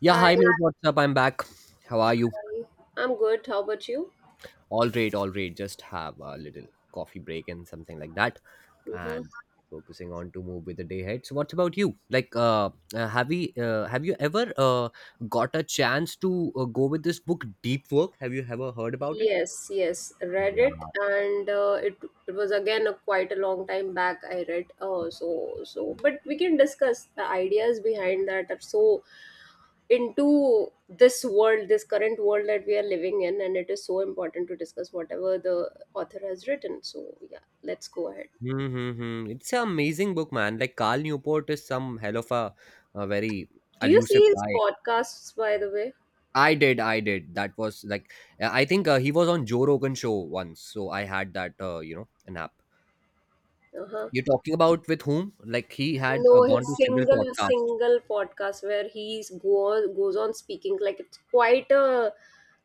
Yeah, Hi, hi mate, what's up? I'm back. How are you? I'm good. How about you? All right, all right. Just have a little coffee break and something like that, Mm-hmm. and focusing on to move with the day ahead. So, what about you? Like, have you ever got a chance to go with this book, Deep Work? Have you ever heard about it? Yes, yes, read it, Yeah. and it was again a quite a long time back. I read, but we can discuss the ideas behind that are so into this world, this current world that we are living in, and it is so important to discuss whatever the author has written. So yeah, let's go ahead. Mm-hmm. It's an amazing book, man. Like Carl Newport is some hell of a very Do you elusive see his guy. podcasts, by the way? I did, I did. That was like, I think he was on Joe Rogan show once, so I had that, an app. Uh-huh. You're talking about with whom? Like he had No, gone his to several single podcasts. single podcast where he goes on speaking like it's quite a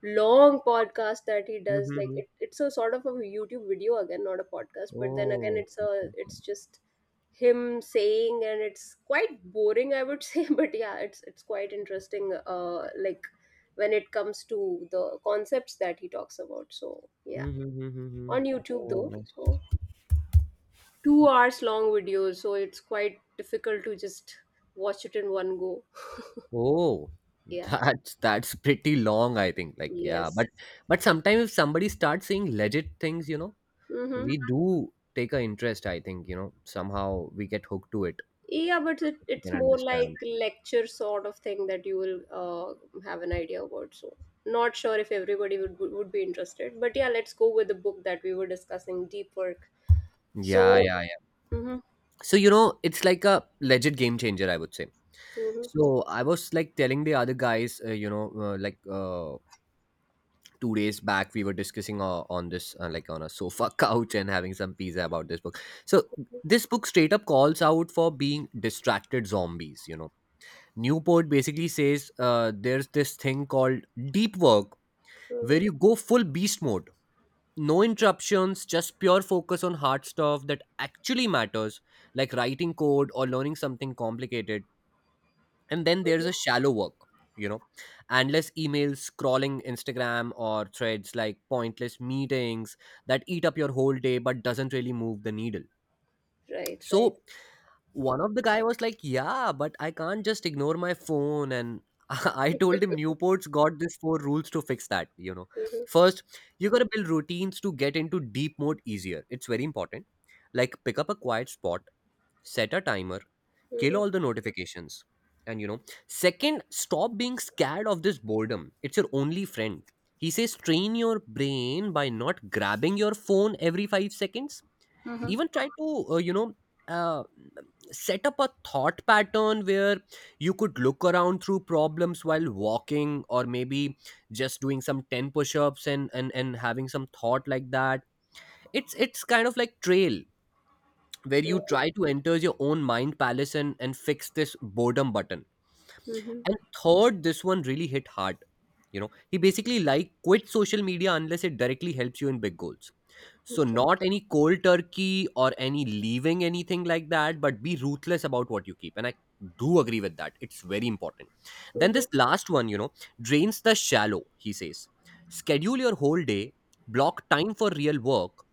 long podcast that he does. Like Mm-hmm. it's a sort of a YouTube video again, not a podcast. But then again, Oh, it's just him saying, and it's quite boring, I would say. But yeah, it's quite interesting. Like when it comes to the concepts that he talks about. So yeah, mm-hmm. on YouTube Oh, though. nice. So 2 hours long videos, so it's quite difficult to just watch it in one go. Oh, Yeah. that's pretty long, I think. Like, yeah, Yes. but sometimes if somebody starts saying legit things, Mm-hmm. we do take a interest. I think somehow we get hooked to it. Yeah, but it, If you it's can more like understand. lecture sort of thing that you will have an idea about. So, not sure if everybody would be interested, but yeah, let's go with the book that we were discussing, Deep Work. So, Yeah, yeah, mm-hmm, so it's like a legit game changer, I would say. mm-hmm, So I was like telling the other guys, 2 days back we were discussing on this, like on a sofa couch and having some pizza about this book. So this book straight up calls out for being distracted zombies. Newport basically says, there's this thing called deep work, mm-hmm, where you go full beast mode, no interruptions, just pure focus on hard stuff that actually matters, like writing code or learning something complicated. And then there's a hmm, shallow work, you know, endless emails, scrolling Instagram or Threads, like pointless meetings, that eat up your whole day but doesn't really move the needle. right, right, So one of the guy was like, yeah, but I can't just ignore my phone, and I told him Newport's got this four rules to fix that. mm-hmm, First, you got to build routines to get into deep mode easier, it's very important. Like pick up a quiet spot, set a timer, kill mm-hmm, all the notifications and you know Second, stop being scared of this boredom, it's your only friend. He says train your brain by not grabbing your phone every 5 seconds. Even try to uh, set up a thought pattern where you could look around through problems while walking, or maybe just doing some 10 push-ups and having some thought like that. It's kind of like trail, where you right, try to enter your own mind palace and fix this boredom button. mm-hmm, And third, this one really hit hard. He basically like quit social media unless it directly helps you in big goals. So okay, not any cold turkey or any leaving anything like that, but be ruthless about what you keep, and I do agree with that, it's very important. Then mm-hmm, this last one drains the shallow. He says schedule your whole day, block time for real work.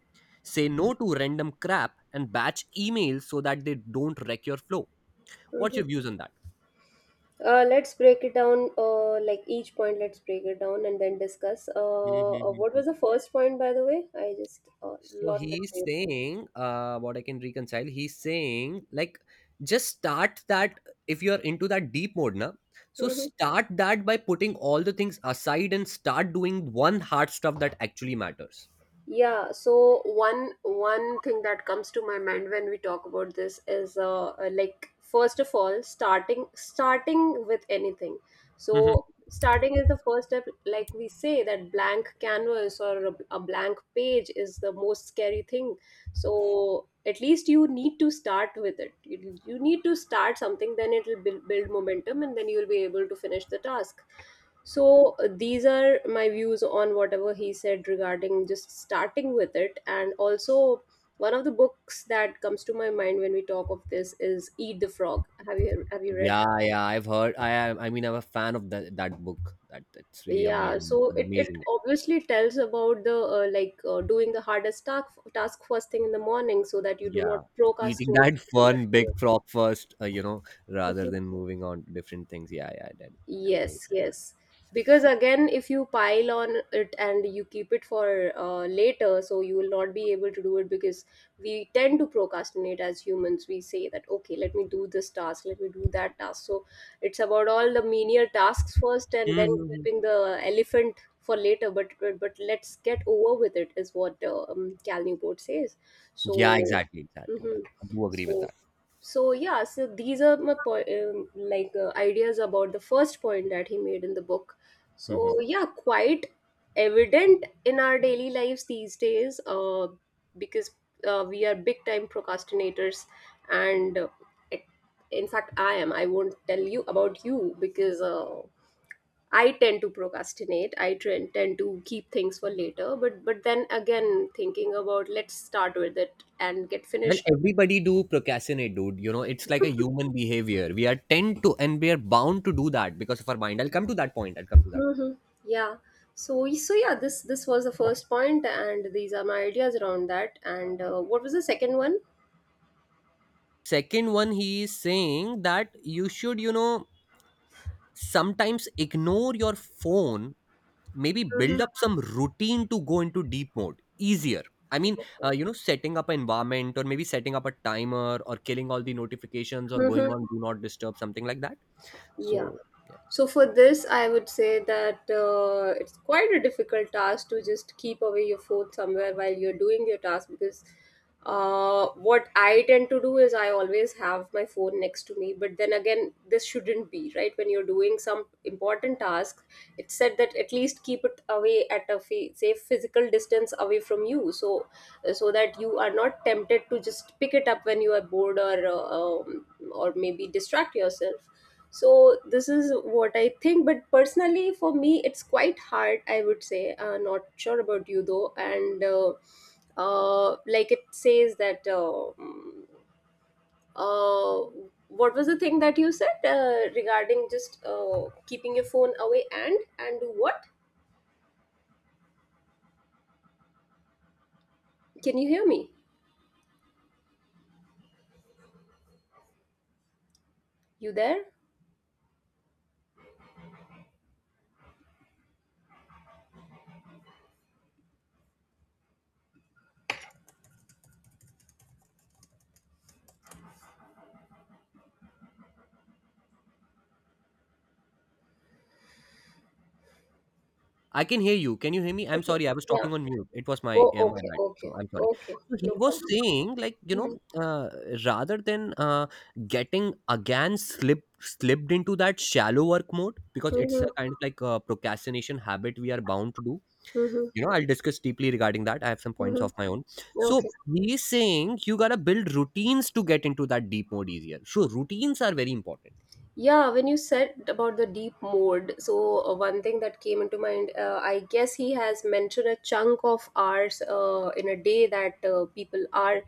Say no to random crap and batch emails so that they don't wreck your flow. What's mm-hmm. your views on that? Let's break it down, like each point, let's break it down and then discuss. What Mm-hmm. was the first point, by the way? I just So lost the he's trail. saying, what I can reconcile, he's saying, like, just start that if you're into that deep mode, na. So start that by putting all the things aside and start doing one hard stuff that actually matters. Yeah, so one thing that comes to my mind when we talk about this is like first of all starting with anything. Mhm. So starting is the first step. Like we say that blank canvas or a blank page is the most scary thing. So at least you need to start with it. You need to start something, then it will build momentum, and then you will be able to finish the task. So these are my views on whatever he said regarding just starting with it. And also, one of the books that comes to my mind when we talk of this is Eat the Frog. Have you read Yeah, that? yeah, I've heard. I am. I mean, I'm a fan of that book. That's really Yeah. amazing, So it amazing. obviously tells about the doing the hardest task first thing in the morning so that you do Yeah, not eating procrastinate that from that fun day. big frog first, rather than moving on to different things. Yeah, yeah, that Yes, amazing. yes. Because again, if you pile on it and you keep it for later, so you will not be able to do it because we tend to procrastinate as humans. We say that, okay, let me do this task, let me do that task. So it's about all the menial tasks first and then Mhm. keeping the elephant for later. But let's get over with it, is what Cal Newport says. Yeah, So, exactly, exactly. Yeah, mhm. I do agree with So that. so yeah, so these are my ideas about the first point that he made in the book. Mhm. So yeah, quite evident in our daily lives these days, because we are big time procrastinators, and it- in fact, I am. I won't tell you about you because I tend to procrastinate. I tend to keep things for later, but then again, thinking about let's start with it and get Well, finished. everybody do procrastinate, dude. You know, it's like a human behavior. We are tend to and we are bound to do that because of our mind. I'll come to that point. I'll come to that point. Mm-hmm. Yeah. So so yeah, this was the first point, and these are my ideas around that. And what was the second one? Second one, he is saying that you should sometimes ignore your phone, maybe build Mm-hmm. up some routine to go into deep mode easier. I mean, Okay. Setting up an environment, or maybe setting up a timer, or killing all the notifications, or going Mm-hmm. on do not disturb, something like that. Yeah. So yeah. So for this, I would say that it's quite a difficult task to just keep away your phone somewhere while you're doing your task. Because what I tend to do is I always have my phone next to me. But then again, this shouldn't be right when you're doing some important task. It's said that at least keep it away at a safe physical distance away from you, so so that you are not tempted to just pick it up when you are bored or maybe distract yourself. So this is what I think, but personally for me it's quite hard, I would say. Not sure about you though. And like it says that uh, what was the thing that you said regarding just keeping your phone away and do what? Can you hear me? You there? I can hear you, can you hear me? I'm Okay. sorry, I was Yeah. talking on mute. It was my Oh yeah, my okay, bad, okay, so I'm sorry. okay, So he no was problem. saying, like, Mm-hmm. uh, rather than getting again slipped into that shallow work mode, because it's a Mm-hmm. kind of like a procrastination habit we are bound to do Mm-hmm. you know I'll discuss deeply regarding that, I have some points Mm-hmm. of my own. So Okay. he is saying you gotta build routines to get into that deep mode easier, so routines are very important. Yeah, when you said about the deep mode, so one thing that came into mind, I guess he has mentioned a chunk of hours in a day that people are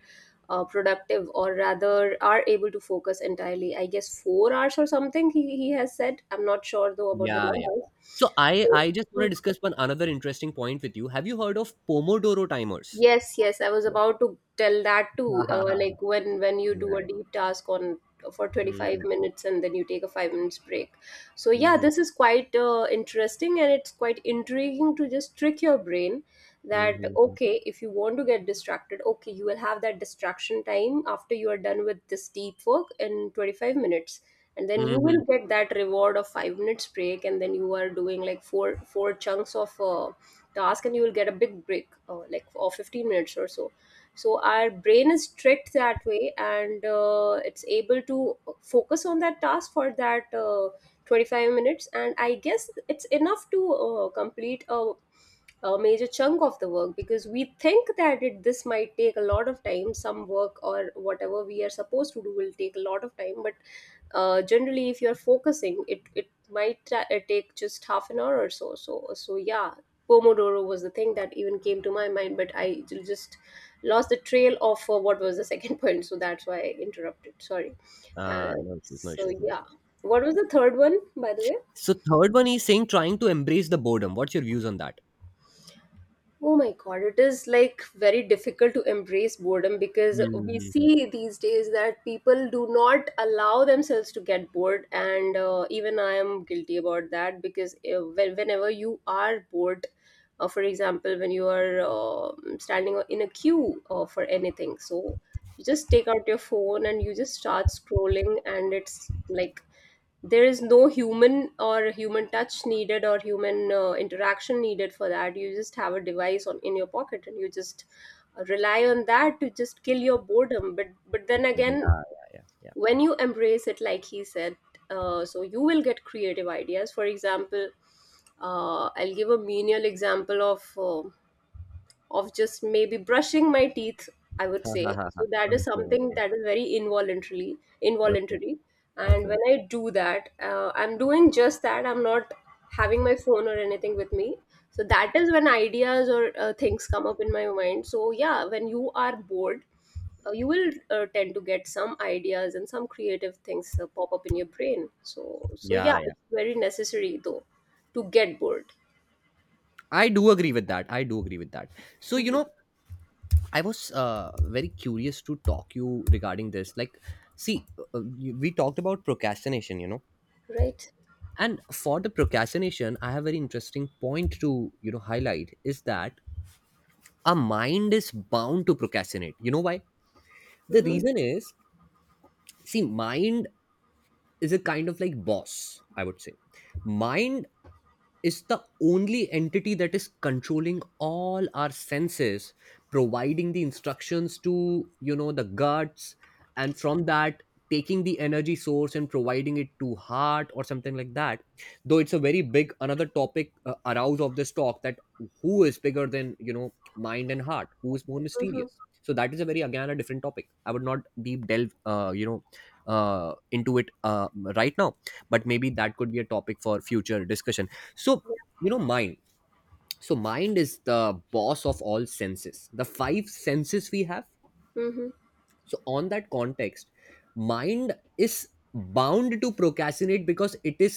productive or rather are able to focus entirely. I guess 4 hours or something he has said. I'm not sure though about the Yeah, yeah, numbers. so i So, i just want to discuss one another interesting point with you. Have you heard of pomodoro timers? yes, yes, I was Yeah. about to tell that too. Like when you do a Yeah. deep task on for 25 Hmm. minutes and then you take a 5 minutes break. So yeah, Hmm. this is quite interesting and it's quite intriguing to just trick your brain that okay, if you want to get distracted, okay, you will have that distraction time after you are done with this deep work in 25 minutes. And then Hmm. you will Hmm. get that reward of 5 minutes break, and then you are doing like four chunks of task and you will get a big break like for 15 minutes or so. So our brain is tricked that way and it's able to focus on that task for that 25 minutes, and I guess it's enough to complete a major chunk of the work, because we think that it this might take a lot of time. Some work or whatever we are supposed to do will take a lot of time, but generally if you're focusing, it might take just half an hour or so. So so yeah, pomodoro was the thing that even came to my mind, but I just lost the trail of what was the second point, so that's why I interrupted. Sorry. Ah, no issues, no So issues, no yeah, issues. what was the third one, by the way? So third one is saying trying to embrace the boredom. What's your views on that? Oh my God, it is like very difficult to embrace boredom, because we Hmm. see these days that people do not allow themselves to get bored, and even I am guilty about that. Because whenever you are bored, for example, when you are standing in a queue for anything, so you just take out your phone and you just start scrolling, and it's like there is no human or human touch needed or human interaction needed for that. You just have a device on in your pocket and you just rely on that to just kill your boredom. But then Yeah, again, yeah, yeah, when you embrace it like he said, so you will get creative ideas. For example, I'll give a menial example of just maybe brushing my teeth, I would say. yeah. So that is Okay, something okay, that is very involuntarily okay, involuntary, and okay. when I do that, I'm doing just that, I'm not having my phone or anything with me. So that is when ideas or things come up in my mind. So yeah, when you are bored, you will tend to get some ideas and some creative things pop up in your brain. So so Yeah, yeah, yeah. it's very necessary though to get bored. I do agree with that. I do agree with that. So, you Mhm. know, I was very curious to talk you regarding this. Like, see, we talked about procrastination, Right. and for the procrastination, I have a very interesting point to highlight, is that a mind is bound to procrastinate. You know why? The Mm-hmm. reason is, see, mind is a kind of like boss, I would say. Mind is the only entity that is controlling all our senses, providing the instructions to the guts, and from that taking the energy source and providing it to heart or something like that. Though it's a very big another topic, arouse of this talk, that who is bigger than, you know, mind and heart, who is more Mm-hmm. mysterious. So that is a very again a different topic, I would not deep delve into it, right now. But maybe that could be a topic for future discussion. So Yeah. you know mind so mind is the boss of all senses, the five senses we have. Mm-hmm. So on that context, mind is bound to procrastinate because it is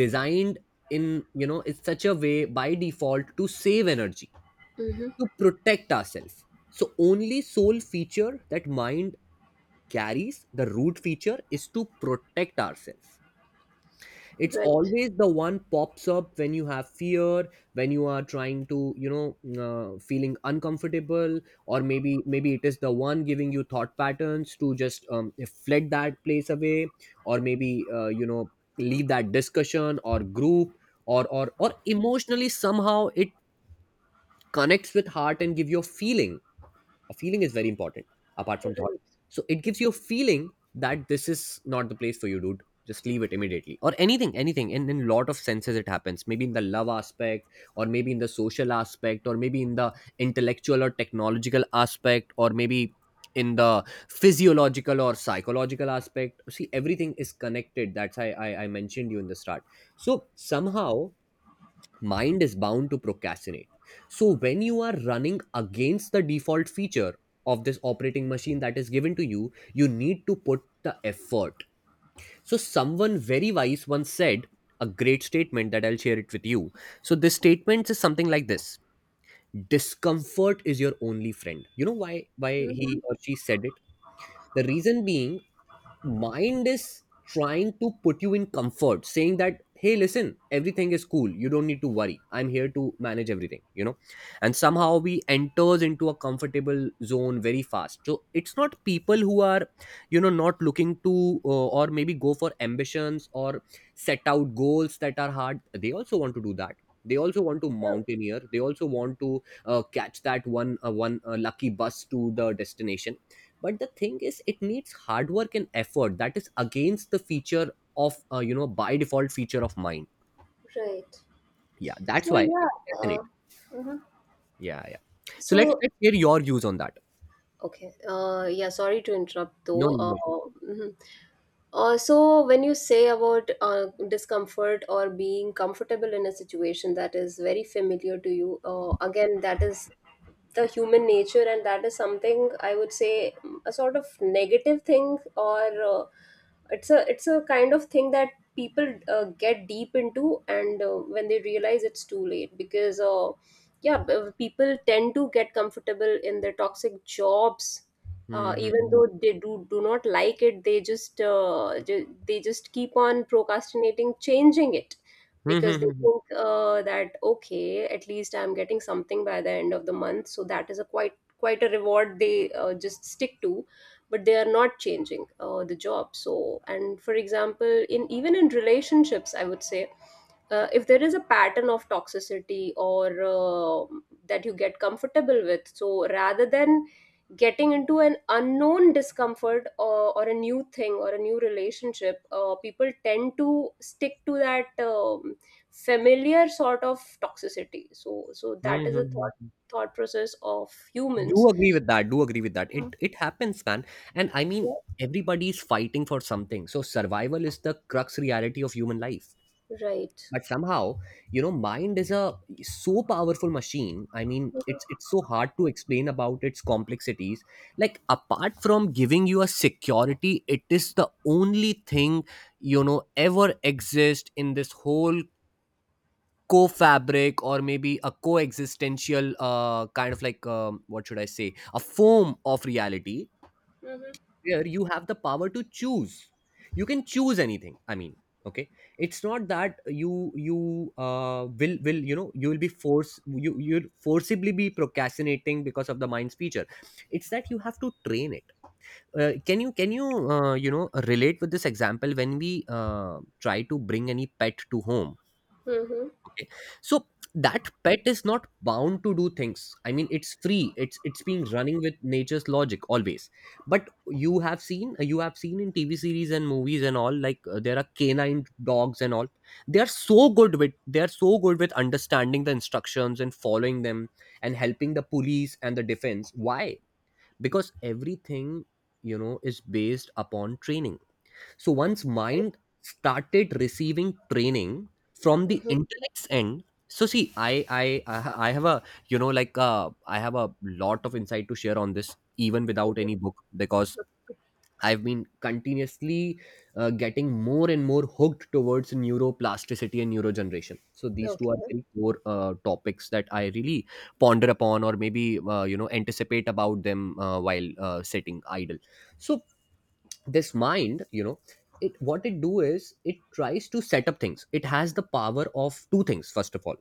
designed in, it's such a way by default, to save energy, Mm-hmm. to protect ourselves. So only sole feature that mind carries, the root feature is to protect ourselves. It's Right, always the one pops up when you have fear, when you are trying to, feeling uncomfortable, or maybe it is the one giving you thought patterns to just flit that place away, or maybe leave that discussion or group, or emotionally somehow it connects with heart and give you a feeling. A feeling is very important, apart from thought. right. So it gives you a feeling that this is not the place for you, dude, just leave it immediately, or anything, in a lot of senses it happens. Maybe in the love aspect, or maybe in the social aspect, or maybe in the intellectual or technological aspect, or maybe in the physiological or psychological aspect. See, everything is connected, that's why I mentioned you in the start. So somehow mind is bound to procrastinate. So when you are running against the default feature of this operating machine that is given to you, you need to put the effort. So someone very wise once said a great statement that I'll share it with you. So this statement is something like this. Discomfort is your only friend. You know why Mm-hmm. he or she said it? The reason being, mind is trying to put you in comfort, saying that hey listen everything is cool, you don't need to worry, I'm here to manage everything. And somehow we enters into a comfortable zone very fast. So it's not people who are, you know, not looking to, or maybe go for ambitions, or set out goals that are hard, they also want to do that. They also want to mountaineer, they also want to catch that one lucky bus to the destination. But the thing is it needs hard work and effort that is against the feature of, by default feature of mine. Yeah, right. Yeah, that's So why I yeah. Procrastinate. Mhm. Yeah, yeah, so let's, So let's hear your views on that. okay. Yeah. Sorry to interrupt No, though. no, no issues. Mhm. So when you say about discomfort or being comfortable in a situation that is very familiar to you, again that is the human nature, and that is something I would say, a sort of negative thing or. Uh, it's a it's a kind of thing that people get deep into, and when they realize, it's too late. Because people tend to get comfortable in their toxic jobs, even Mhm. though they do not like it. They just they just keep on procrastinating changing it, because they Mhm. think that okay, at least I'm getting something by the end of the month. So that is a quite a reward they just stick to, but they are not changing the job. So and for example, in even in relationships I would say, if there is a pattern of toxicity or uh, that you get comfortable with, so rather than getting into an unknown discomfort or a new thing or a new relationship, people tend to stick to that familiar sort of toxicity. So so that is a Mhm. thought process of humans. Do agree with that. Mhm. It happens, man. And I mean, everybody is fighting for something, so survival is the crux reality of human life. Right. But somehow, you know, mind is a so powerful machine. I mean, it's so hard to explain about its complexities. Like apart from giving you a security, it is the only thing, you know, ever exist in this whole co-fabric, or maybe a coexistential kind of like, what should I say, a form of reality Mhm. where you have the power to choose. You can choose anything. I mean, okay, it's not that you you will, you know, you will be force, you'll forcibly be procrastinating because of the mind's feature. It's that you have to train it. Can you you know, relate with this example? When we uh, try to bring any pet to home. Mhm. Okay. So that pet is not bound to do things. I mean, it's free. It's being running with nature's logic always. But you have seen in TV series and movies and all, like there are canine dogs and all. They are so good with they are so good with understanding the instructions and following them, and helping the police and the defense. Why? Because everything, you know, is based upon training. So once mind started receiving training from the Mhm. intellect's end. So see, I have a, you know, like I have a lot of insight to share on this even without any book, because I've been continuously getting more and more hooked towards neuroplasticity and neurogeneration. So these two are Okay. very core topics that I really ponder upon, or maybe you know, anticipate about them while sitting idle. So this mind, you know, it what it do is it tries to set up things. It has the power of two things. First of all,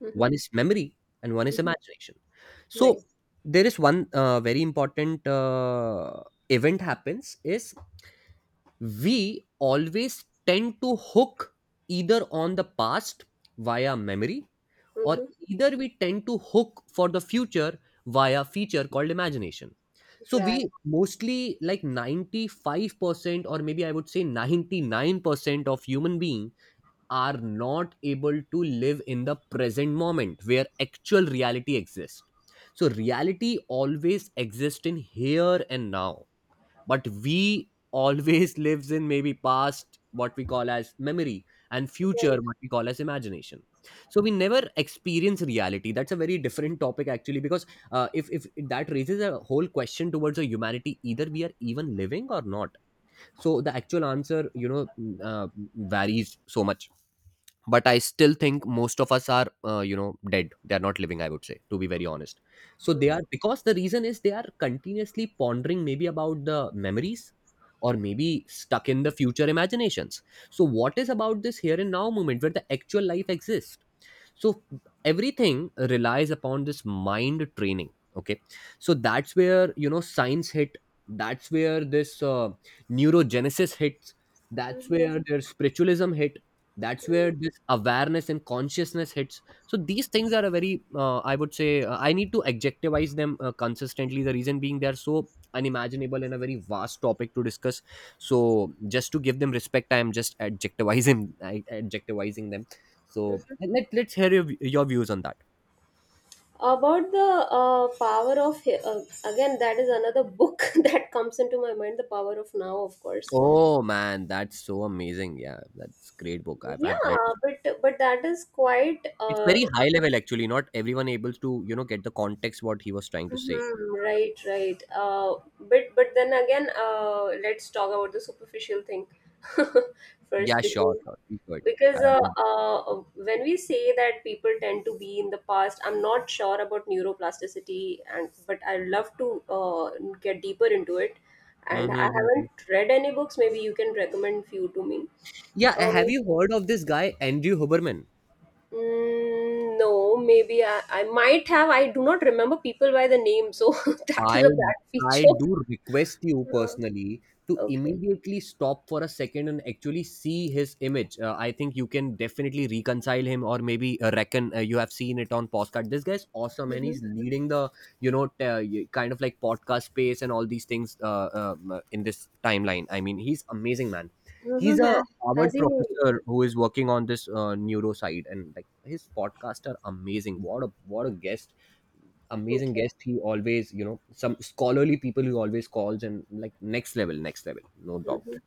Mhm. one is memory, and one is Mhm. imagination. So Right. there is one very important event happens is we always tend to hook either on the past via memory, or Mhm. either we tend to hook for the future via feature called imagination. So Right. we mostly, like 95%, or maybe I would say 99% of human being are not able to live in the present moment where actual reality exists. So reality always exists in here and now, but we always lives in maybe past what we call as memory, and future Right. what we call as imagination. So we never experience reality. That's a very different topic actually, because if that raises a whole question towards a humanity, either we are even living or not. So the actual answer, you know, varies so much. But I still think most of us are, you know, dead. They are not living, I would say, to be very honest. So they Mhm. are, because the reason is they are continuously pondering maybe about the memories, or maybe stuck in the future imaginations. So what is about this here and now moment where the actual life exists? So everything relies upon this mind training. Okay. So that's where, you know, science hit. That's where this neurogenesis hits. That's Mhm. where their spiritualism hit. That's where Right. this awareness and consciousness hits. So these things are a very I would say, I need to adjectivize them consistently, the reason being they're so unimaginable and a very vast topic to discuss. So just to give them respect, I am just adjectivizing them. So Mhm. let's hear your views on that. About the power of again, that is another book that comes into my mind. The power of now, of course. Oh man, that's so amazing. Yeah, that's great book. I've read Yeah, it. but that is quite It's uh, very high level actually. Not everyone able to, you know, get the context what he was trying to say. mhm, right, right. But then again, let's talk about the superficial thing first Yeah, sure, because sure. Please go ahead. I because uh, love it. uh, when we say that people tend to be in the past, I'm not sure about neuroplasticity, and but I'd love to uh, get deeper into it, and Mhm, I mhm, mhm. haven't read any books. Maybe you can recommend few to me. Yeah, uh, have you heard of this guy Andrew Huberman? No, maybe I might have. I do not remember people by the name, so that is I a bad I feature. do request you Uh, personally to okay. immediately stop for a second and actually see his image. I think you can definitely reconcile him, or maybe reckon you have seen it on podcast. This guy's awesome, and Hmm. he's leading the, you know, kind of like podcast space and all these things, in this timeline. I mean, he's amazing, man. He's hmm a has Harvard he professor who is working on this neuro side, and like his podcasts are amazing. What a guest. Amazing okay guest he always, you know, some scholarly people he always calls, and like next level, next level. No doubt. Mhm.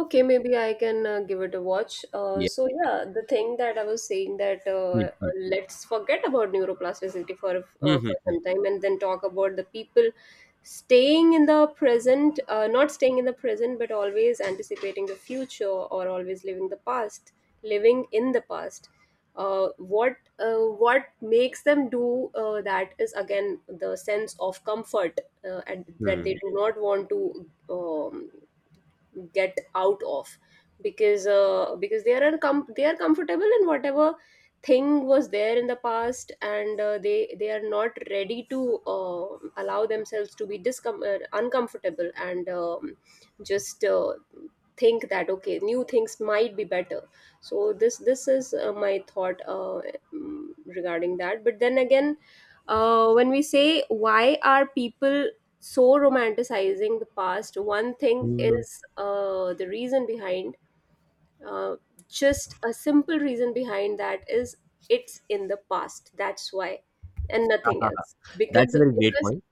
Okay, Yeah. maybe I can give it a watch. Yeah. So yeah, the thing that I was saying, that Mm-hmm. let's forget about neuroplasticity for Mm-hmm. some time, and then talk about the people staying in the present, not staying in the present, but always anticipating the future or always living the past, living in the past. Uh, what uh, what makes them do that is again the sense of comfort, and that they do not want to get out of, because they are they are comfortable in whatever thing was there in the past, and they are not ready to allow themselves to be uncomfortable, and just think that okay, new things might be better. So this is my thought, regarding that. But then again, when we say why are people so romanticizing the past, one thing Mm-hmm. is, the reason behind, uh, just a simple reason behind that is it's in the past, that's why, and nothing else. because That's a very great because point.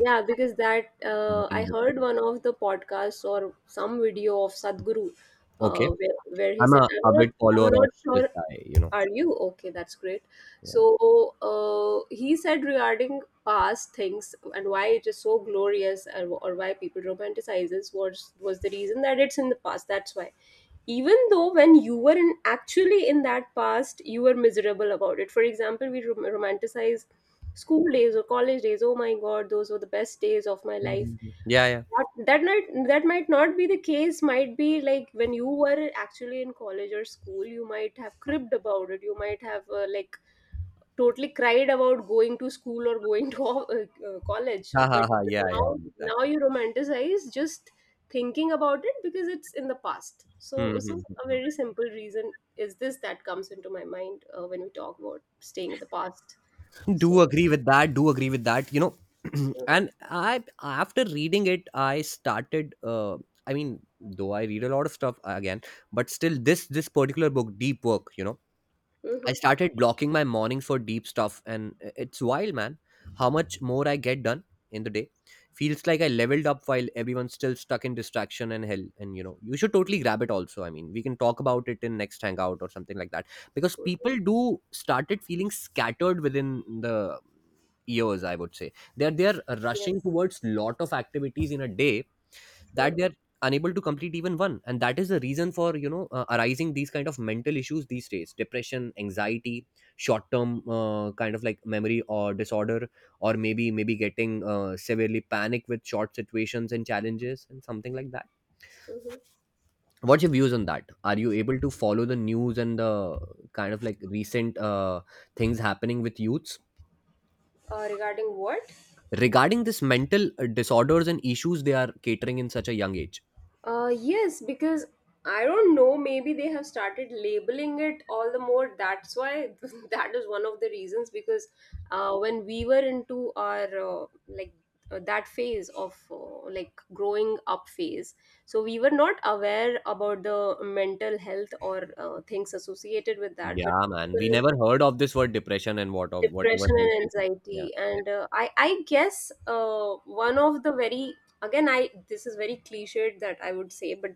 yeah, because that, Something I different. heard one of the podcasts or some video of Sadhguru, Okay. where he I'm said, a avid I'm follower not of this sure. guy, you know. Are you okay? That's great." So Yeah. He said regarding past things and why it is so glorious, or why people romanticizes, was the reason that it's in the past. That's why, even though when you were in actually in that past, you were miserable about it. For example, we romanticize school days or college days. Oh my god, those were the best days of my life. Mhm. Yeah, yeah. That, that might, that might not be the case. Might be like when you were actually in college or school, you might have cribbed about it. You might have like totally cried about going to school or going to college, Ha ha but ha. Yeah, yeah. now, now Exactly. you romanticize just thinking about it because it's in the past. So so a Hmm. very simple reason is this that comes into my mind when we talk about staying in the past. do So agree with that do agree with that You know, and I, after reading it, I started, I mean, though I read a lot of stuff, again, but still this particular book, deep work, you know, I mhm. started blocking my mornings for deep stuff, and it's wild, man. How much more I get done in the day. Feels like I leveled up while everyone's still stuck in distraction and hell. And you know, you should totally grab it also. I mean, we can talk about it in next hangout or something like that, because people do started feeling scattered within the years, I would say. They're Yes. rushing towards lot of activities in a day Hmm, that they're unable to complete even one. And that is the reason for, you know, arising these kind of mental issues these days: depression, anxiety, short term kind of like memory or disorder, or maybe getting severely panic with short situations and challenges and something like that. mhm. What's your views on that? Are you able to follow the news and the kind of like recent things happening with youths? Regarding what? Regarding this mental disorders and issues they are catering in such a young age. Yes, because I don't know, maybe they have started labeling it all the more. That's why that is one of the reasons. Because when we were into our uh, like that phase of like growing up phase, so we were not aware about the mental health or things associated with that, but Yeah man, we people, never heard of this word depression and what of whatever depression these and people- Yeah, anxiety, and yeah. I guess one of the very, again, I, this is very cliched that I would say, but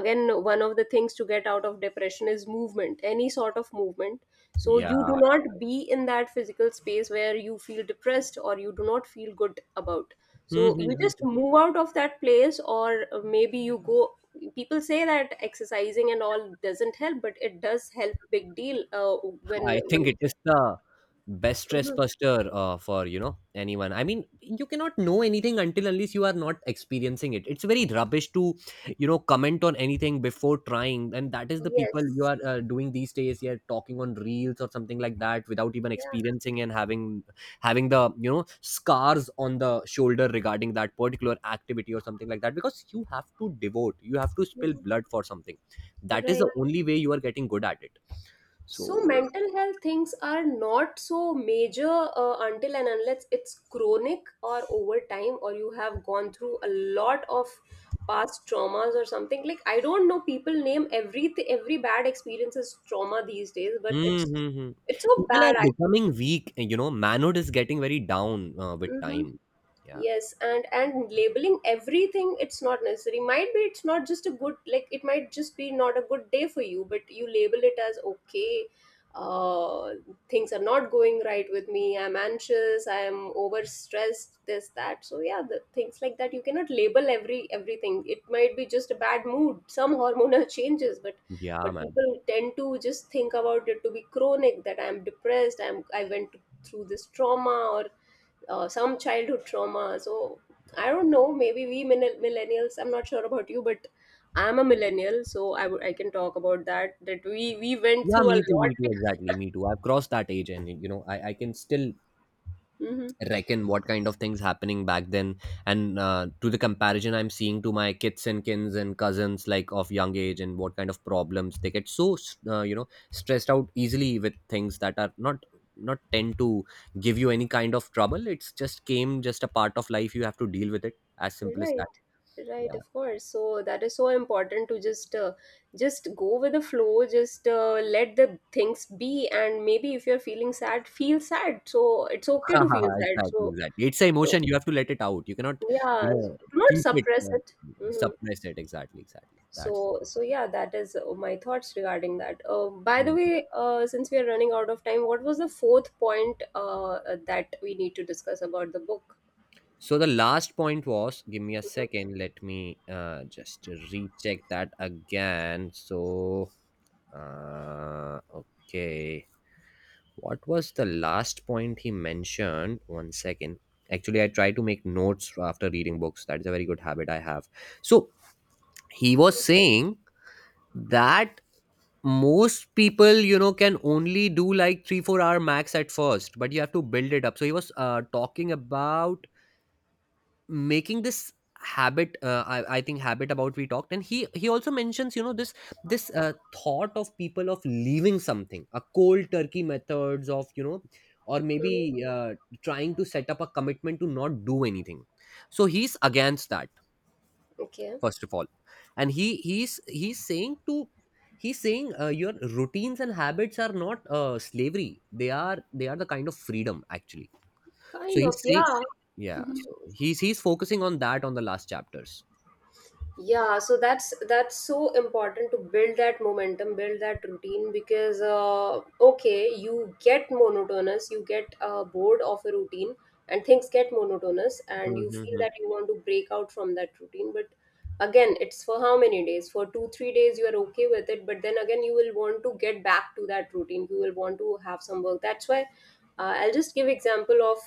again, one of the things to get out of depression is movement, any sort of movement. So Yeah, you do not yeah. be in that physical space where you feel depressed or you do not feel good about. So Hmm, hmm, you just hmm. move out of that place, or maybe you go, people say that exercising and all doesn't help, but it does help big deal. uh, when I think when it is the best stress buster for, you know, anyone. I mean, you cannot know anything until unless you are not experiencing it. It's very rubbish to, you know, comment on anything before trying, and that is the people you Yes, are doing these days. You're talking on reels or something like that without even yeah, experiencing and having the, you know, scars on the shoulder regarding that particular activity or something like that, because you have to devote, you have to spill blood for something. That is right. the only way you are getting good at it. So. So mental health things are not so major until and unless it's chronic or over time, or you have gone through a lot of past traumas or something. Like I don't know, people name every bad experience as trauma these days, but Mm, it's hmm, hmm. it's so People bad are actually. becoming weak, you know. Manhood is getting very down with time. Yeah, Yes, and labeling everything, it's not necessary. Might be it's not just a good, like it might just be not a good day for you, but you label it as okay, uh things are not going right with me, I'm anxious, I'm overstressed, this that. So yeah, the things like that, you cannot label every, everything. It might be just a bad mood, some hormonal changes, yeah, but man. people tend to just think about it to be chronic, that I'm depressed, I'm I went through this trauma, or some childhood trauma. So I don't know. Maybe we millennials. I'm not sure about you, but I'm a millennial, so I would, I can talk about that. That we went Yeah, through a lot. exactly, me too. I've crossed that age, and you know, I can still Hmm. reckon what kind of things happening back then, and to the comparison I'm seeing to my kids and kins and cousins like of young age, and what kind of problems they get. So, you know, stressed out easily with things that are not tend to give you any kind of trouble. It's just came, just a part of life. You have to deal with it, as simple as that. Right, right. Yeah. Of course. So that is so important to just go with the flow. Just let the things be, and maybe if you're feeling sad, feel sad. So it's okay to feel sad. Exactly, So, exactly. It's an so emotion. You have to let it out. You cannot, you yeah, know, do not keep it. suppress Yeah. it. Mm-hmm. Suppress it. Exactly, exactly, So that's what. so yeah, that is my thoughts regarding that. By the Hmm. way, since we are running out of time, what was the fourth point that we need to discuss about the book? So the last point was, give me a Mhm. second, let me just recheck that again. So, uh, okay, what was the last point he mentioned? 1 second. Actually, I try to make notes after reading books. That is a very good habit I have. So he was saying that most people, you know, can only do like 3, 4 hour max at first, but you have to build it up. So he was talking about making this habit. I think habit about we talked, and he also mentions, you know, this thought of people of leaving something a cold turkey methods of, you know, or Mhm. maybe trying to set up a commitment to not do anything. So he's against that, Okay, first of all. And he's saying to, he's saying, your routines and habits are not slavery. They are the kind of freedom actually. So kind of, he's, see, yeah. yeah. Mhm. So he's focusing on that on the last chapters. Yeah, so that's so important to build that momentum, build that routine. Because okay, you get monotonous, you get bored of a routine, and things get monotonous, and you feel Mm-hmm. that you want to break out from that routine. But again, it's for how many days? For 2 3 days you are okay with it, but then again you will want to get back to that routine. You will want to have some work. That's why I'll just give example of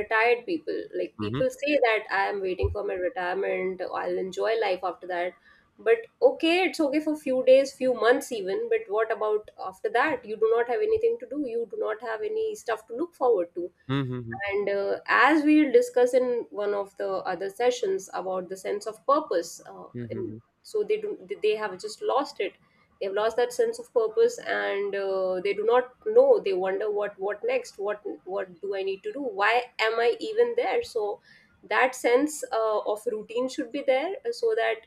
retired people. Like Mm-hmm. people say that I am waiting for my retirement, I'll enjoy life after that. But okay, it's okay for few days, few months even, but what about after that? You do not have anything to do, you do not have any stuff to look forward to. Mm-hmm. And as we'll discuss in one of the other sessions about the sense of purpose, in, Mm-hmm. so they do, they have just lost it. They have lost that sense of purpose, and they do not know. They wonder, what next, what do I need to do? Why am I even there? So that sense of routine should be there, so that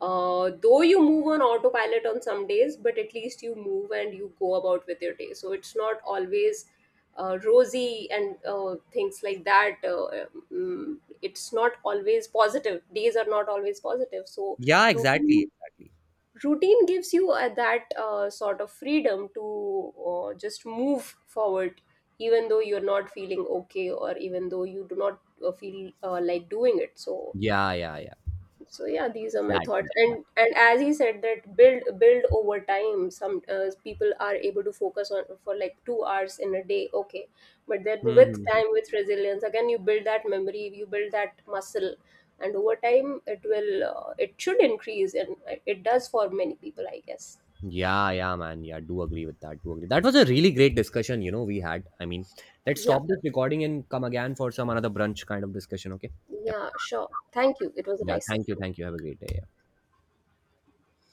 though you move on autopilot on some days, but at least you move, and you go about with your day. So it's not always rosy and things like that. It's not always positive. Days are not always positive. So Yeah, exactly, routine, exactly. routine gives you that sort of freedom to just move forward, even though you're not feeling okay, or even though you do not feel like doing it. So Yeah, yeah, yeah. so yeah, these are my thoughts. Exactly. And as he said, that build, build over time. Some people are able to focus on for like 2 hours in a day. Okay, but then with Mm-hmm. time, with resilience, again, you build that memory, you build that muscle, and over time it will it should increase, and it does for many people, I guess. Yeah, yeah, man. Yeah, do agree with that. Do agree. That was a really great discussion, you know, we had. I mean, let's Yeah, stop this recording and come again for some another brunch kind of discussion, okay? Yep. yeah sure, thank you, it was a Yeah, nice thank you. session. Thank you. Have a great day.